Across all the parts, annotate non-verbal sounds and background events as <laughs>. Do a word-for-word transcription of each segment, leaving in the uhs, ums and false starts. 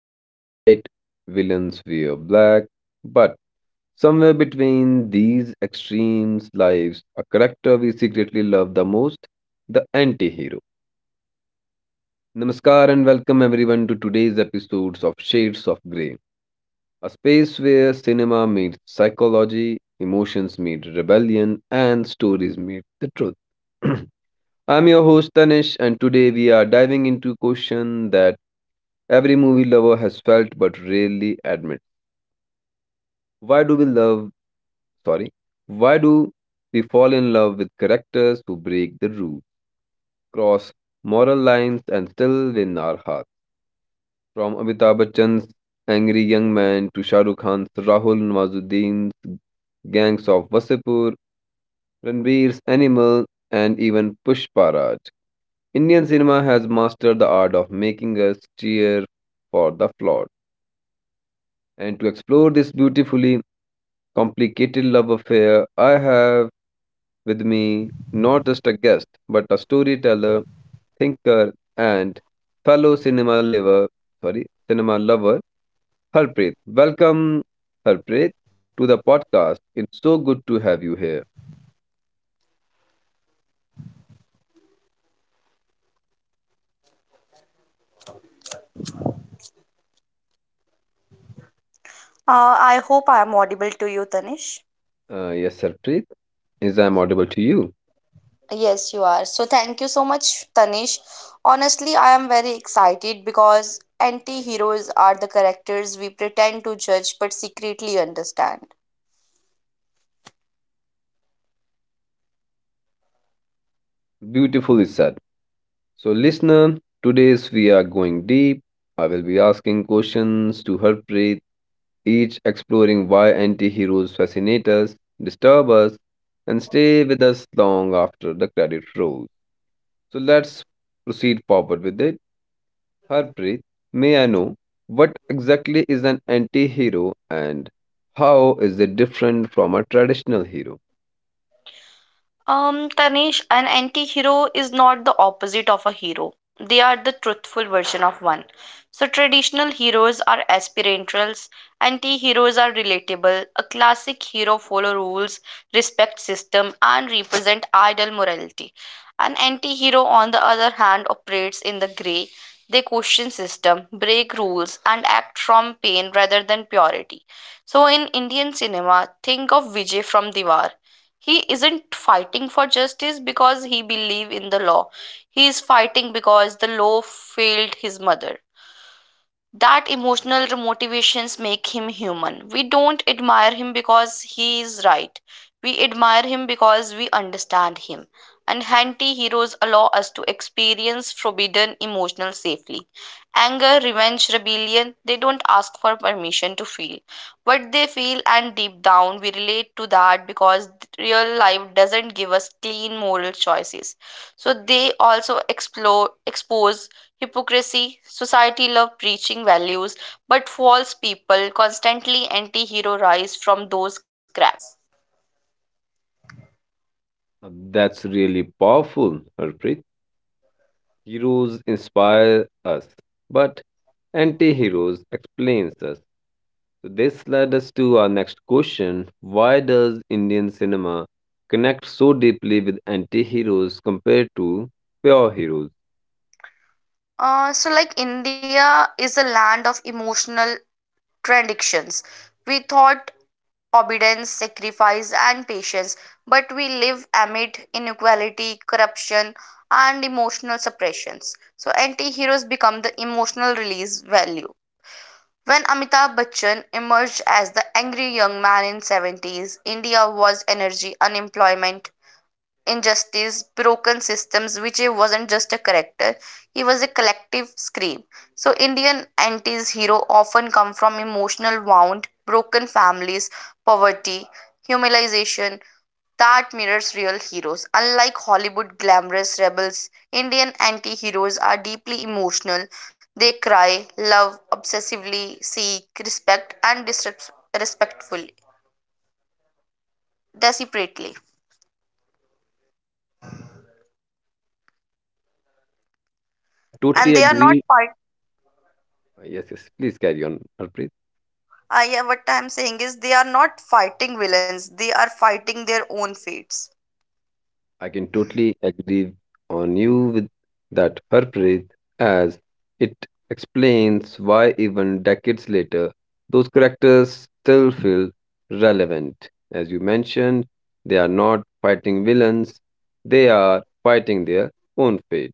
wear white, villains wear black, but somewhere between these extremes lives a character we secretly love the most, the anti hero. Namaskar and welcome everyone to today's episodes of Shades of Grey, a space where cinema meets psychology, emotions meet rebellion, and stories meet the truth. <clears throat> I'm your host Tanish, and today we are diving into a question that every movie lover has felt but rarely admits. Why do we love, sorry, why do we fall in love with characters who break the rules, cross moral lines, and still win our hearts? From Amitabh Bachchan's Angry Young Man to Shah Rukh Khan's Rahul Nawazuddin's Gangs of Wasipur, Ranbir's Animal, and even Pushparaj, Indian cinema has mastered the art of making us cheer for the flawed. And to explore this beautifully complicated love affair, I have with me not just a guest, but a storyteller, thinker, and fellow cinema lover, sorry, cinema lover, Harpreet. Welcome, Harpreet, to the podcast. It's so good to have you here. I hope I am audible to you, Tanish. Uh, yes, Harpreet, is I'm audible to you. Yes, you are. So thank you so much, Tanish. Honestly, I am very excited because anti heroes are the characters we pretend to judge but secretly understand. Beautifully said. So, listener, today's we are going deep. I will be asking questions to Harpreet each exploring why anti heroes fascinate us, disturb us, and stay with us long after the credit rolls. So let's proceed forward with it. Harpreet, may I know what exactly is an anti hero and how is it different from a traditional hero? Um, Tanish, an anti-hero is not the opposite of a hero. They are the truthful version of one. So traditional heroes are aspirantals, anti-heroes are relatable. A classic hero follow rules, respect system, and represent ideal morality. An anti-hero, on the other hand, operates in the gray. They question system, break rules, and act from pain rather than purity. So in Indian cinema, think of Vijay from Diwar, he isn't fighting for justice because he believe in the law, he is fighting because the law failed his mother. That emotional motivations make him human. We don't admire him because he is right. We admire him because we understand him. And anti-heroes allow us to experience forbidden emotional safely. Anger, revenge, rebellion, they don't ask for permission to feel. What they feel and deep down we relate to that because real life doesn't give us clean moral choices. So they also explore expose hypocrisy. Society love preaching values, but false people, constantly anti hero rise from those cracks. That's really powerful, Harpreet. Heroes inspire us, but anti heroes explains us. So this led us to our next question. Why does Indian cinema connect so deeply with anti-heroes compared to pure heroes? Uh, so, like India is a land of emotional contradictions. We thought obedience, sacrifice, and patience, but we live amid inequality, corruption, and emotional suppressions. So, anti heroes become the emotional release value. When Amitabh Bachchan emerged as the angry young man in seventies, India was energy, unemployment, injustice, broken systems, Vijay wasn't just a character, he was a collective scream. So Indian anti's hero often come from emotional wound, broken families, poverty, humiliation, that mirrors real heroes. Unlike Hollywood glamorous rebels, Indian anti heroes are deeply emotional. They cry, love obsessively, seek respect, and disrespectfully, desperately. I And totally they are not agree. <laughs> fight. Yes, yes, please carry on, Harpreet. I yeah, what I'm saying is they are not fighting villains. They are fighting their own fates. I can totally agree on you with that her praise as it explains why even decades later those characters still feel relevant. As you mentioned, they are not fighting villains, they are fighting their own fate.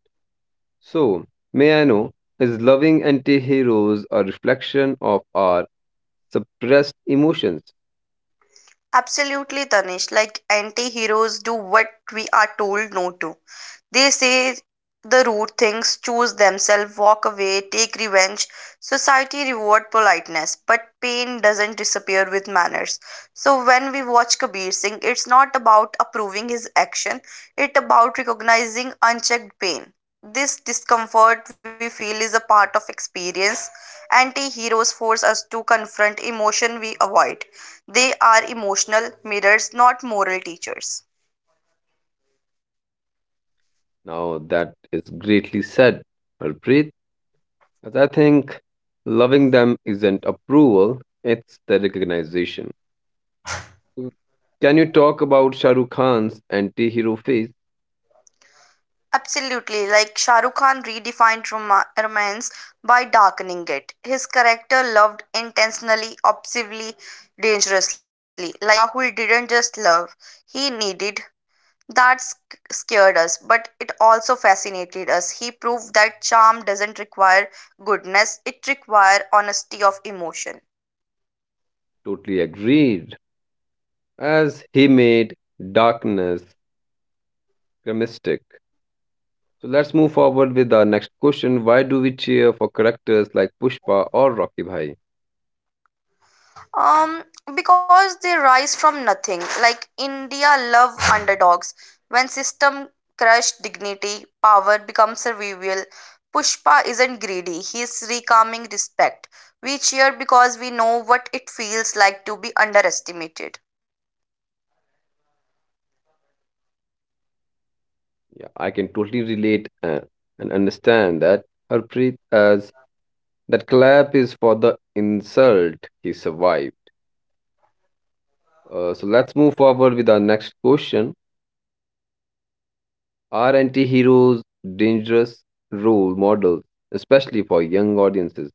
So, may I know, is loving anti-heroes a reflection of our suppressed emotions? Absolutely, Tanish. Like anti heroes do what we are told no to. They say the rude things, choose themselves, walk away, take revenge. Society reward politeness, but pain doesn't disappear with manners. So when we watch Kabir Singh, it's not about approving his action, it's about recognizing unchecked pain. This discomfort we feel is a part of experience. Anti heroes force us to confront emotion we avoid. They are emotional mirrors, not moral teachers. Now that is greatly said, Harpreet. As I think loving them isn't approval, it's the recognition. Mm. Can you talk about Shah Rukh Khan's anti-hero phase? Absolutely, like Shah Rukh Khan redefined roma- romance by darkening it. His character loved intentionally, obsessively, dangerously. Like Rahul didn't just love, he needed. That sc- scared us, but it also fascinated us. He proved that charm doesn't require goodness, it requires honesty of emotion. Totally agreed. As he made darkness grimmistic. So let's move forward with our next question. Why do we cheer for characters like Pushpa or Rocky Bhai? Um, because they rise from nothing. Like India love underdogs. When system crush dignity, power becomes servile. Pushpa isn't greedy. He is recalming respect. We cheer because we know what it feels like to be underestimated. Yeah, I can totally relate uh, and understand that Harpreet as that clap is for the insult he survived. Uh, so let's move forward with our next question. Are anti-heroes dangerous role models, especially for young audiences?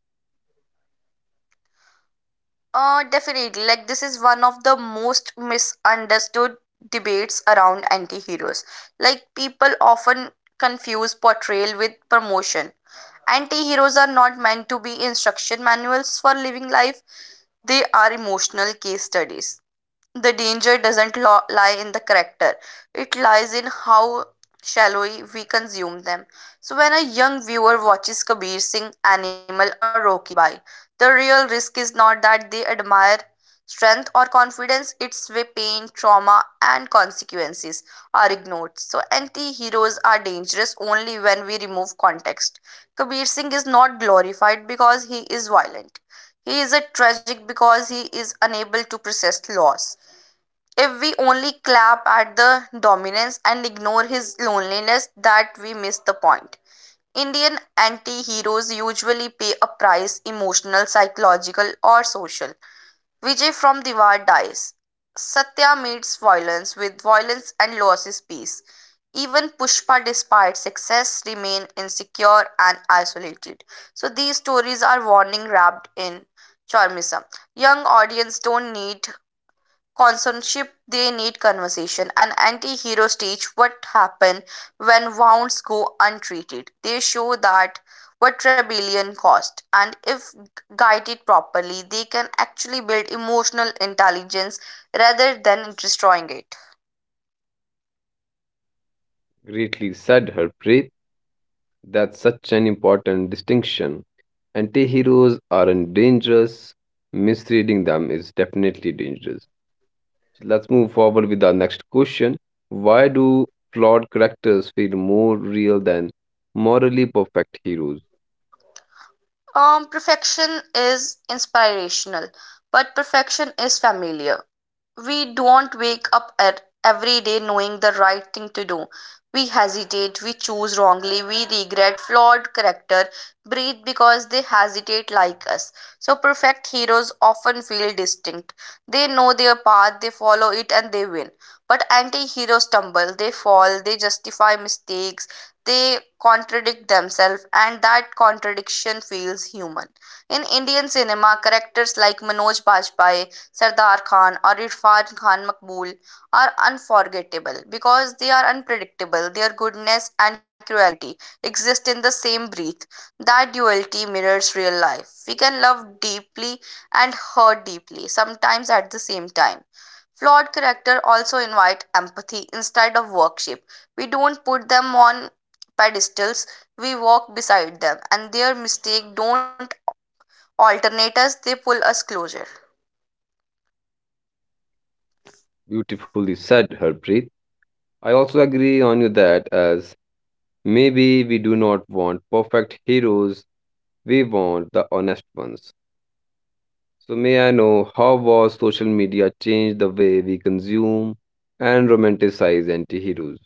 Uh, definitely. Like this is one of the most misunderstood debates around anti-heroes. Like people often confuse portrayal with promotion. Anti-heroes are not meant to be instruction manuals for living life. They are emotional case studies. The danger doesn't lo- lie in the character, it lies in how shallowly we consume them. So, when a young viewer watches Kabir Singh, Animal, or Rocky Bai, the real risk is not that they admire strength or confidence, it's way pain, trauma, and consequences are ignored. So, anti heroes are dangerous only when we remove context. Kabir Singh is not glorified because he is violent. He is a tragic because he is unable to process loss. If we only clap at the dominance and ignore his loneliness, that we miss the point. Indian anti heroes usually pay a price emotional, psychological, or social. Vijay from Diwar dies. Satya meets violence, with violence and loses peace. Even Pushpa, despite success, remain insecure and isolated. So these stories are warning wrapped in charmism. Young audience don't need consortship, they need conversation. An anti-hero stage what happen when wounds go untreated. They show that what rebellion cost and if guided properly they can actually build emotional intelligence rather than destroying it. Greatly said, Harpreet. That's such an important distinction. Anti-heroes aren't dangerous. Misreading them is definitely dangerous. So let's move forward with our next question. Why do flawed characters feel more real than morally perfect heroes? Um, perfection is inspirational, but perfection is familiar. We don't wake up at every day knowing the right thing to do. We hesitate, we choose wrongly, we regret flawed character, breathe because they hesitate like us. So perfect heroes often feel distinct. They know their path, they follow it and they win. But anti-heroes stumble, they fall, they justify mistakes, they contradict themselves and that contradiction feels human. In Indian cinema, characters like Manoj Bajpayee Sardar Khan or Irfan Khan Makbul are unforgettable because they are unpredictable. Their goodness and cruelty exist in the same breath. That duality mirrors real life. We can love deeply and hurt deeply, sometimes at the same time. Flawed character also invite empathy instead of worship. We don't put them on pedestals, we walk beside them and their mistake don't alternate us, they pull us closer. Beautifully said, Harpreet. I also agree on you that as maybe we do not want perfect heroes, we want the honest ones. So, may I know how was social media changed the way we consume and romanticize anti heroes?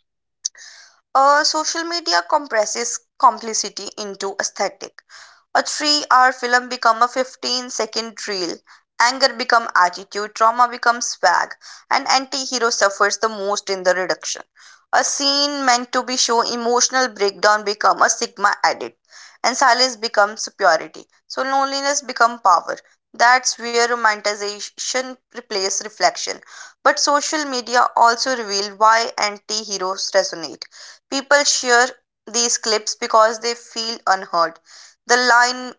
Uh, social media compresses complicity into aesthetic. A three-hour film become a fifteen-second reel. Anger become attitude, trauma becomes swag, and anti-hero suffers the most in the reduction. A scene meant to be show emotional breakdown become a sigma edit, and silence becomes superiority. So loneliness become power. That's where romanticization replaces reflection. But social media also reveal why anti-heroes resonate. People share these clips because they feel unheard. The line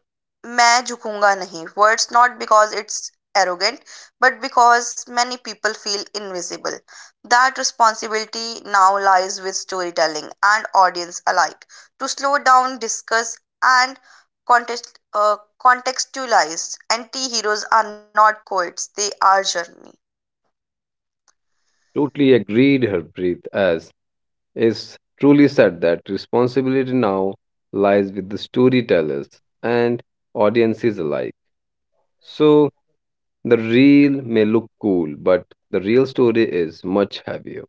मैं झुकूंगा नहीं words not because it's arrogant but because many people feel invisible. That responsibility now lies with storytelling and audience alike to slow down, discuss and context, uh, contextualize. Anti-heroes are not quotes, they are journey. Totally agreed, Harpreet, as is truly said that responsibility now lies with the storytellers and audiences alike. So, the reel may look cool, but the real story is much heavier.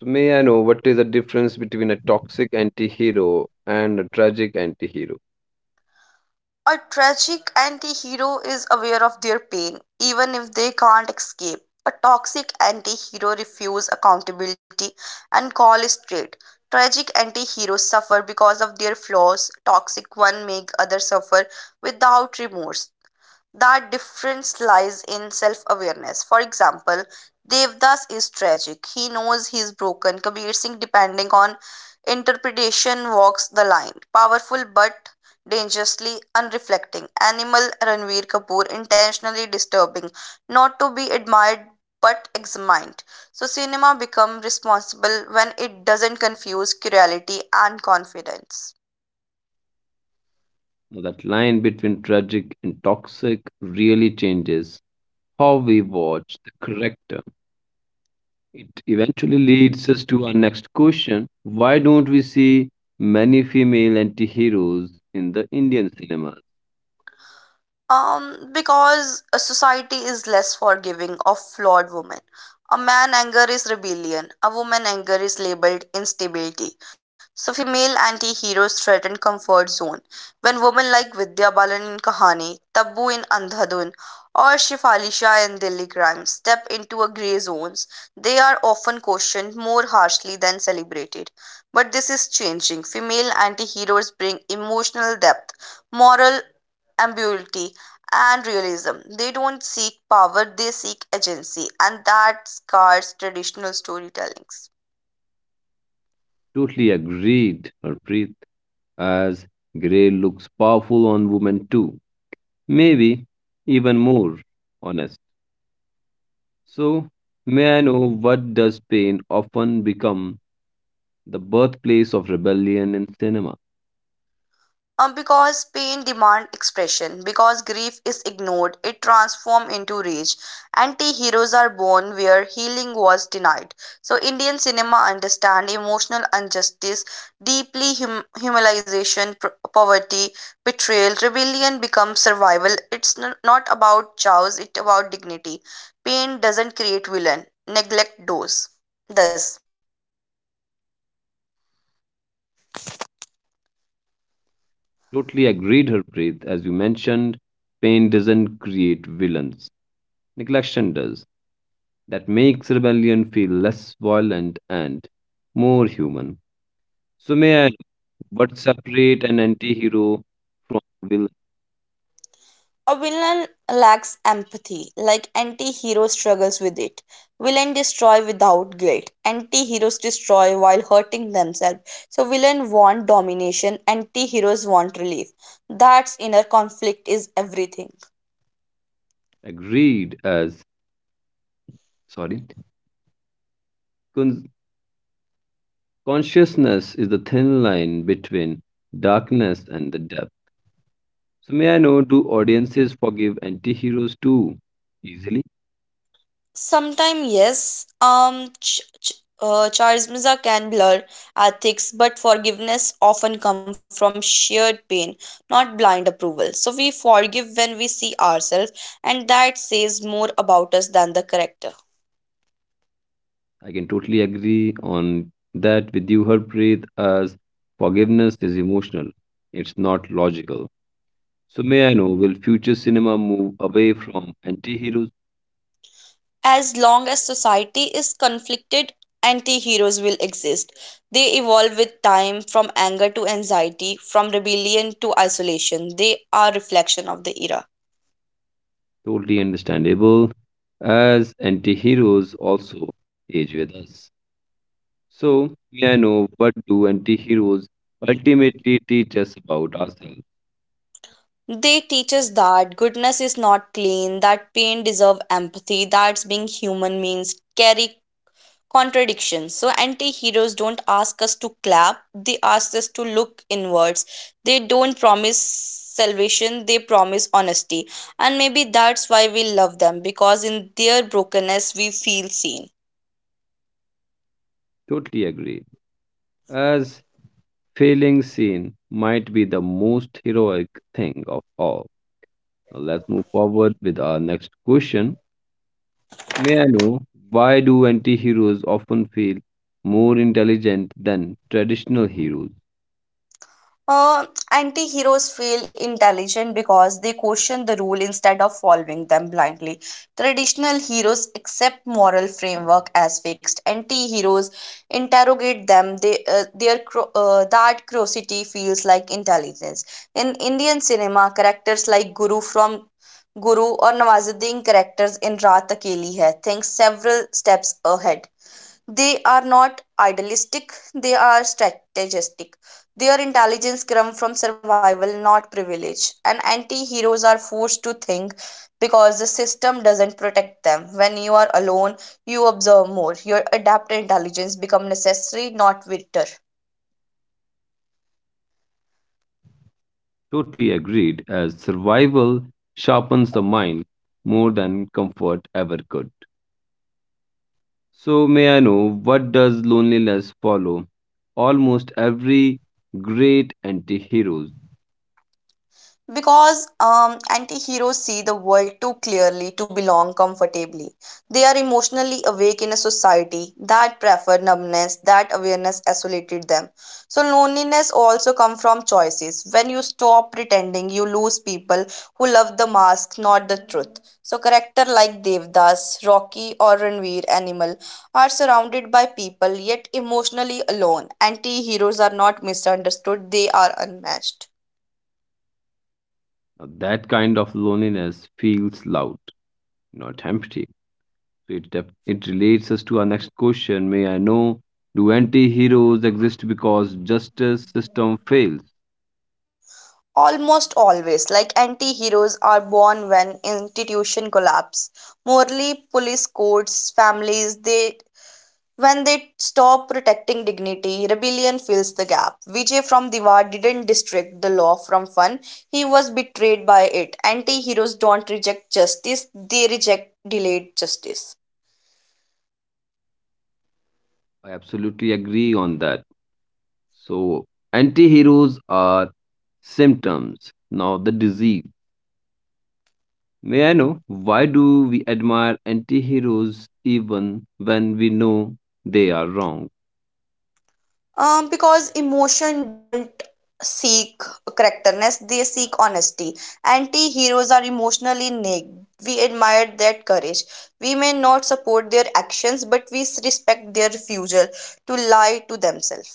So may I know what is the difference between a toxic anti-hero and a tragic anti-hero? A tragic anti hero is aware of their pain, even if they can't escape. A toxic anti hero refuses accountability and call is straight. Tragic anti heroes suffer because of their flaws. Toxic one make others suffer without remorse. That difference lies in self awareness. For example, Devdas is tragic. He knows he is broken. Kabir Singh, depending on interpretation, walks the line. Powerful but dangerously unreflecting. Animal Ranveer Kapoor, intentionally disturbing. Not to be admired but examined. So, cinema become responsible when it doesn't confuse curiosity and confidence. Now, that line between tragic and toxic really changes how we watch the character. It eventually leads us to our next question. Why don't we see many female anti-heroes in the Indian cinema? Um, because a society is less forgiving of flawed women. A man anger is rebellion. A woman anger is labeled instability. So female anti-heroes threaten comfort zone. When women like Vidya Balan in Kahani, Taboo in Andhadhun, or Shefali Shah in Delhi Crime step into a grey zones, they are often questioned more harshly than celebrated. But this is changing. Female anti-heroes bring emotional depth, moral ambiguity and realism. They don't seek power, they seek agency, and that scars traditional storytellings. Totally agreed, Harpreet, as Grey looks powerful on women too. Maybe even more honest. So, may I know what does pain often become the birthplace of rebellion in cinema? Um, because pain demand expression, because grief is ignored, it transforms into rage. Anti-heroes are born where healing was denied. So Indian cinema understand emotional injustice, deeply hum- humanization, pr- poverty, betrayal, rebellion becomes survival. It's n- not about chows, it's about dignity. Pain doesn't create villain, neglect does. Thus. Totally agreed, Harpreet. As you mentioned, pain doesn't create villains. Neglection does. That makes rebellion feel less violent and more human. So may I what separate an anti-hero from villain? A villain lacks empathy, like anti hero struggles with it. Villain destroy without guilt. Anti heroes destroy while hurting themselves. So, villain want domination, anti heroes want relief. That's inner conflict is everything. Agreed as sorry. Con- Consciousness is the thin line between darkness and the depth. So may I know, do audiences forgive anti-heroes too easily? Sometime yes, um, ch- ch- uh, charisma can blur ethics, but forgiveness often comes from shared pain, not blind approval. So we forgive when we see ourselves, and that says more about us than the character. I can totally agree on that with you, Harpreet, as forgiveness is emotional. It's not logical. So may I know, will future cinema move away from anti-heroes? As long as society is conflicted, anti heroes will exist. They evolve with time from anger to anxiety, from rebellion to isolation. They are reflection of the era. Totally understandable, as anti-heroes also age with us. So may I know, what do anti-heroes ultimately teach us about ourselves? They teach us that goodness is not clean, that pain deserves empathy, that being human means carry contradictions. So anti heroes don't ask us to clap, they ask us to look inwards. They don't promise salvation, they promise honesty. And maybe that's why we love them because in their brokenness we feel seen. Totally agree. As failing scene might be the most heroic thing of all. Now let's move forward with our next question. May I know why do anti-heroes often feel more intelligent than traditional heroes? Uh, Anti heroes feel intelligent because they question the rule instead of following them blindly. Traditional heroes accept moral framework as fixed. Anti heroes interrogate them. They, uh, their cru- uh, that curiosity feels like intelligence. In Indian cinema, characters like Guru from Guru or Nawazuddin characters in Raat Akeli Hai think several steps ahead. They are not idealistic, they are strategistic. Their intelligence comes from survival not privilege, and anti-heroes are forced to think because the system doesn't protect them. When you are alone you observe more, your adaptive intelligence becomes necessary not victor. Totally agreed, as survival sharpens the mind more than comfort ever could. So may I know what does loneliness follow? Almost every great anti-heroes. Because um, anti-heroes see the world too clearly to belong comfortably. They are emotionally awake in a society that prefer numbness. That awareness isolated them. So loneliness also come from choices. When you stop pretending you lose people who love the mask not the truth. So character like Devdas, Rocky or Ranveer Animal are surrounded by people yet emotionally alone. Anti-heroes are not misunderstood, they are unmatched. Now, that kind of loneliness feels loud, not empty. So it def- it relates us to our next question. May I know do anti-heroes exist because justice system fails? Almost always, like anti heroes are born when institution collapse. Morally, police courts, families, they when they stop protecting dignity, rebellion fills the gap. Vijay from Diwar didn't distract the law from fun. He was betrayed by it. Anti heroes don't reject justice, they reject delayed justice. I absolutely agree on that. So anti-heroes are symptoms, not the disease. May I know why do we admire anti-heroes even when we know they are wrong? Um because emotion don't seek correctness, they seek honesty. Anti-heroes are emotionally naked. We admire their courage. We may not support their actions, but we respect their refusal to lie to themselves.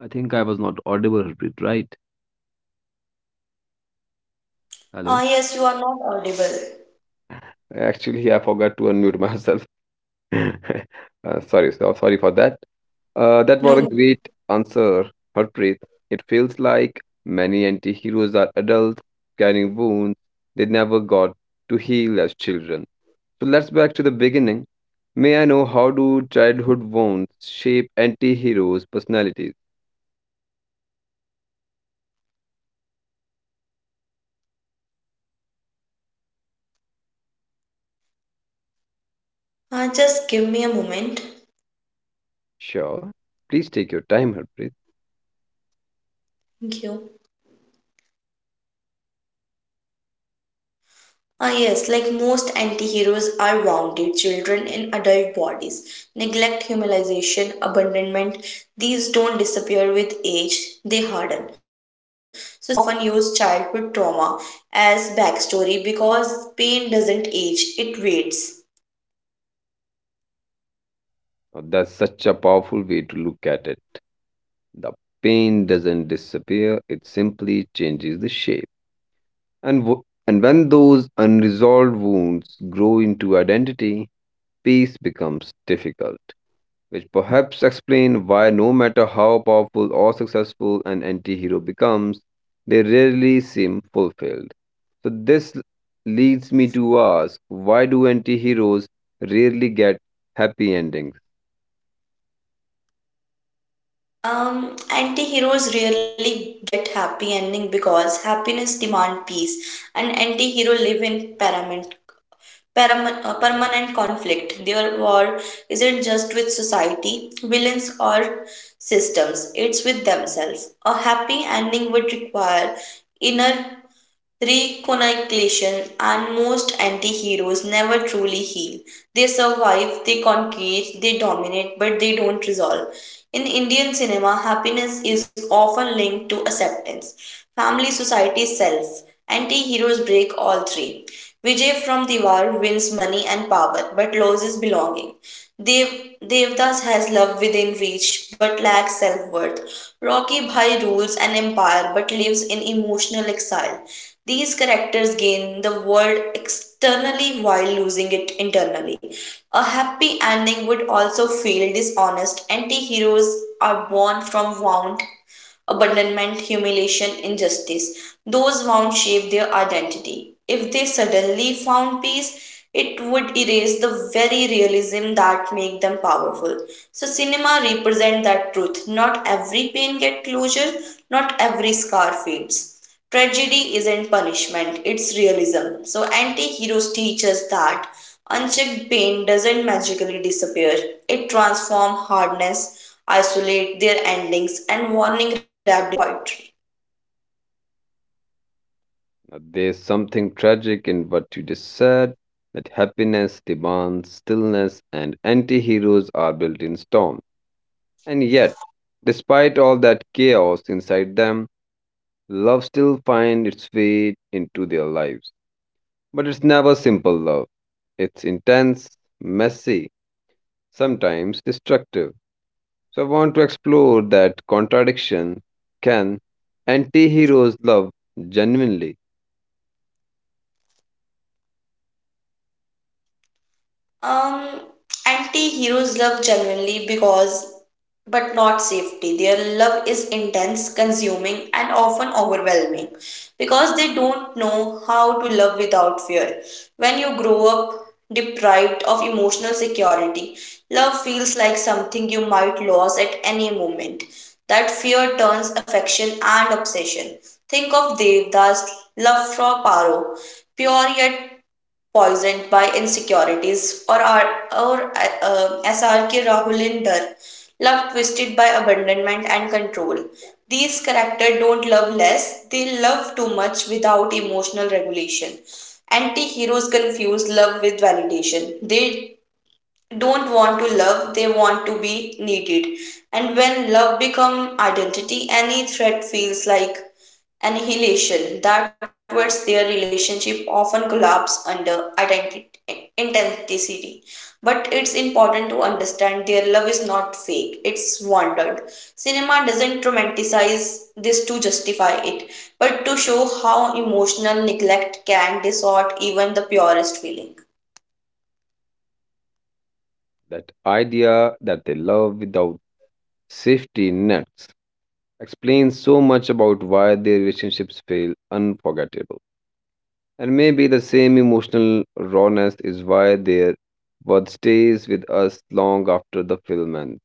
I think I was not audible, Harpreet, right? Ah, Hello? yes, you are not audible. Actually, I forgot to unmute <laughs> myself. <laughs> Uh, sorry, so, sorry for that. Uh, that was a No. great answer, Harpreet. It feels like many anti-heroes are adults carrying wounds they never got to heal as children. So let's back to the beginning. May I know how do childhood wounds shape anti-heroes' personalities? Uh, just give me a moment. Sure. Please take your time, Harpreet. Thank you. Ah, yes, like most anti heroes are wounded children in adult bodies. Neglect, humanization, abandonment, these don't disappear with age, they harden. So, cinema often use childhood trauma as backstory because pain doesn't age, it waits. Now, that's such a powerful way to look at it. The pain doesn't disappear, it simply changes the shape. And, w- and when those unresolved wounds grow into identity, peace becomes difficult, which perhaps explain why no matter how powerful or successful an anti-hero becomes, they rarely seem fulfilled. So this l- leads me to ask, why do anti-heroes rarely get happy endings? Um, anti heroes rarely get happy ending because happiness demand peace, and anti hero live in parament Param- uh, permanent conflict. Their war isn't just with society, villains, or systems, it's with themselves. A happy ending would require inner reconnaculation, and most anti-heroes never truly heal. They survive, they conquer, they dominate, but they don't resolve. In Indian cinema, happiness is often linked to acceptance, family, society, self. Anti-heroes break all three. Vijay from Diwar wins money and power, but loses belonging. Dev- Devdas has love within reach, but lacks self-worth. Rocky Bhai rules an empire but lives in emotional exile. These characters gain the world externally while losing it internally. A happy ending would also feel dishonest. Anti heroes are born from wound, abandonment, humiliation, injustice. Those wounds shape their identity. If they suddenly found peace, it would erase the very realism that make them powerful. So cinema represent that truth. Not every pain get closure, not every scar fades. Tragedy isn't punishment, it's realism. So anti-heroes teach us that unchecked pain doesn't magically disappear. It transforms hardness, isolate their endings and warning wrapped in poetry. Now, there's something tragic in what you just said, that happiness demands stillness and anti-heroes are built in storms. And yet, despite all that chaos inside them, love still finds its way into their lives. But it's never simple love. It's intense, messy, sometimes destructive. So I want to explore that contradiction. Can anti-heroes love genuinely? Um, Anti-heroes love genuinely because, but not safety. Their love is intense, consuming, and often overwhelming because they don't know how to love without fear. When you grow up deprived of emotional security, love feels like something you might lose at any moment. That fear turns affection and obsession. Think of Devdas' love for Paro, pure yet poisoned by insecurities, or, our, or uh, S R K Rahulinder, love twisted by abandonment and control. These characters don't love less, they love too much without emotional regulation. Anti heroes confuse love with validation. They don't want to love, they want to be needed. And when love becomes identity, any threat feels like annihilation. That words their relationship often collapse under identity intensity. But it's important to understand their love is not fake, it's wanted. Cinema doesn't romanticize this to justify it, but to show how emotional neglect can distort even the purest feeling. That idea that they love without safety nets explains so much about why their relationships feel unforgettable. And maybe the same emotional rawness is why their work stays with us long after the film ends.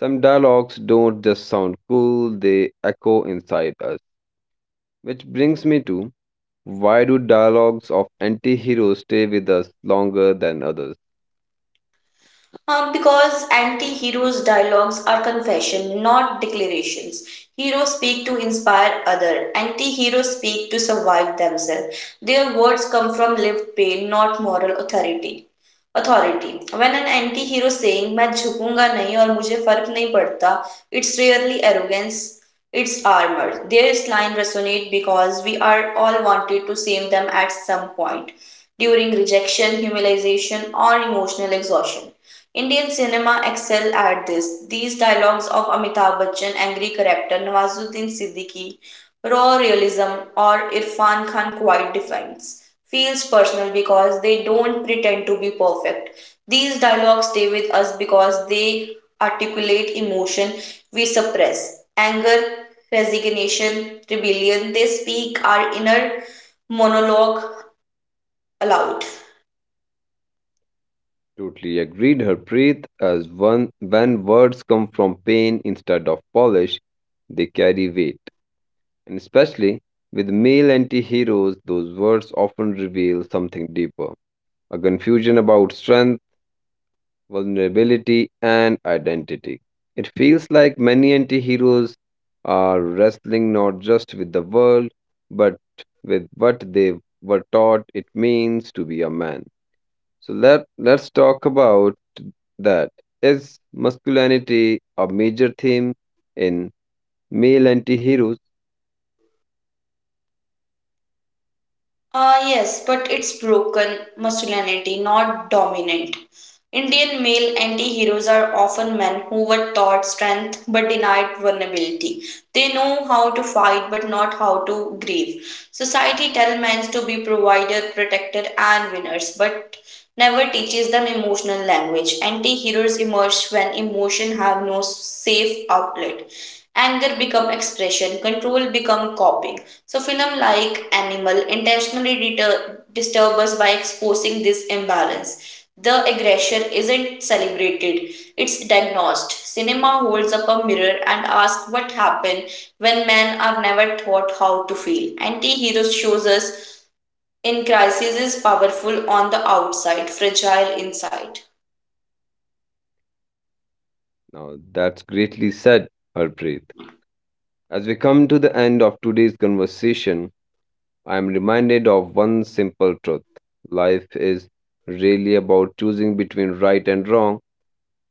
Some dialogues don't just sound cool, they echo inside us. Which brings me to, why do dialogues of anti heroes stay with us longer than others? Um, because anti heroes' dialogues are confession, not declarations. Heroes speak to inspire other. Anti heroes speak to survive themselves. Their words come from lived pain, not moral authority authority. When an anti-hero saying main jhukunga nahi aur mujhe fark nahi padta, it's rarely arrogance, it's armor. Their line resonate because we are all wanted to shame them at some point, during rejection, humiliation, or emotional exhaustion. Indian cinema excel at this. These dialogues of Amitabh Bachchan, angry character Nawazuddin Siddiqui, raw realism, or Irfan Khan quite defines, feels personal because they don't pretend to be perfect. These dialogues stay with us because they articulate emotion we suppress: anger, resignation, rebellion. They speak our inner monologue aloud. Totally agreed, Harpreet, as one when words come from pain instead of polish, they carry weight. And especially with male anti heroes, those words often reveal something deeper, a confusion about strength, vulnerability, and identity. It feels like many anti heroes are wrestling not just with the world, but with what they were taught it means to be a man. So let, let's talk about that. Is masculinity a major theme in male anti heroes? Ah, yes, but it's broken masculinity, not dominant. Indian male anti heroes are often men who were taught strength but denied vulnerability. They know how to fight but not how to grieve. Society tells men to be provider, protector, and winners, but never teaches them emotional language. Anti heroes emerge when emotion have no safe outlet. Anger become expression, control become copying. So film like Animal intentionally deter- disturb us by exposing this imbalance. The aggression isn't celebrated, it's diagnosed. Cinema holds up a mirror and asks what happened when men are never taught how to feel. Anti hero shows us in crisis is powerful on the outside, fragile inside. Now, that's greatly said, Harpreet. As we come to the end of today's conversation, I am reminded of one simple truth: life is really about choosing between right and wrong.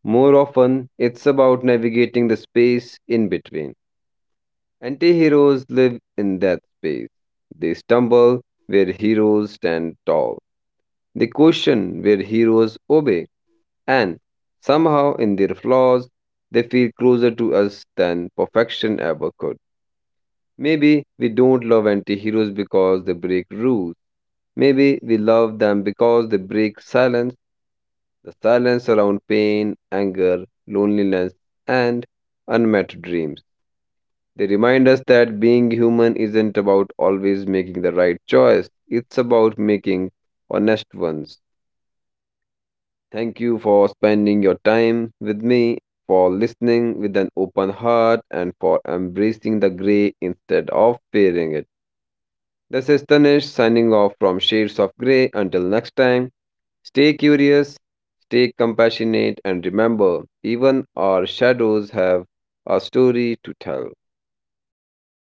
More often, it's about navigating the space in between. Anti heroes live in that space. They stumble where heroes stand tall, they question where heroes obey, and somehow, in their flaws, they feel closer to us than perfection ever could. Maybe we don't love anti heroes because they break rules. Maybe we love them because they break silence, the silence around pain, anger, loneliness, and unmet dreams. They remind us that being human isn't about always making the right choice, it's about making honest ones. Thank you for spending your time with me, for listening with an open heart, and for embracing the grey instead of fearing it. This is Tanish signing off from Shades of Grey. Until next time. Stay curious, stay compassionate, and remember, even our shadows have a story to tell.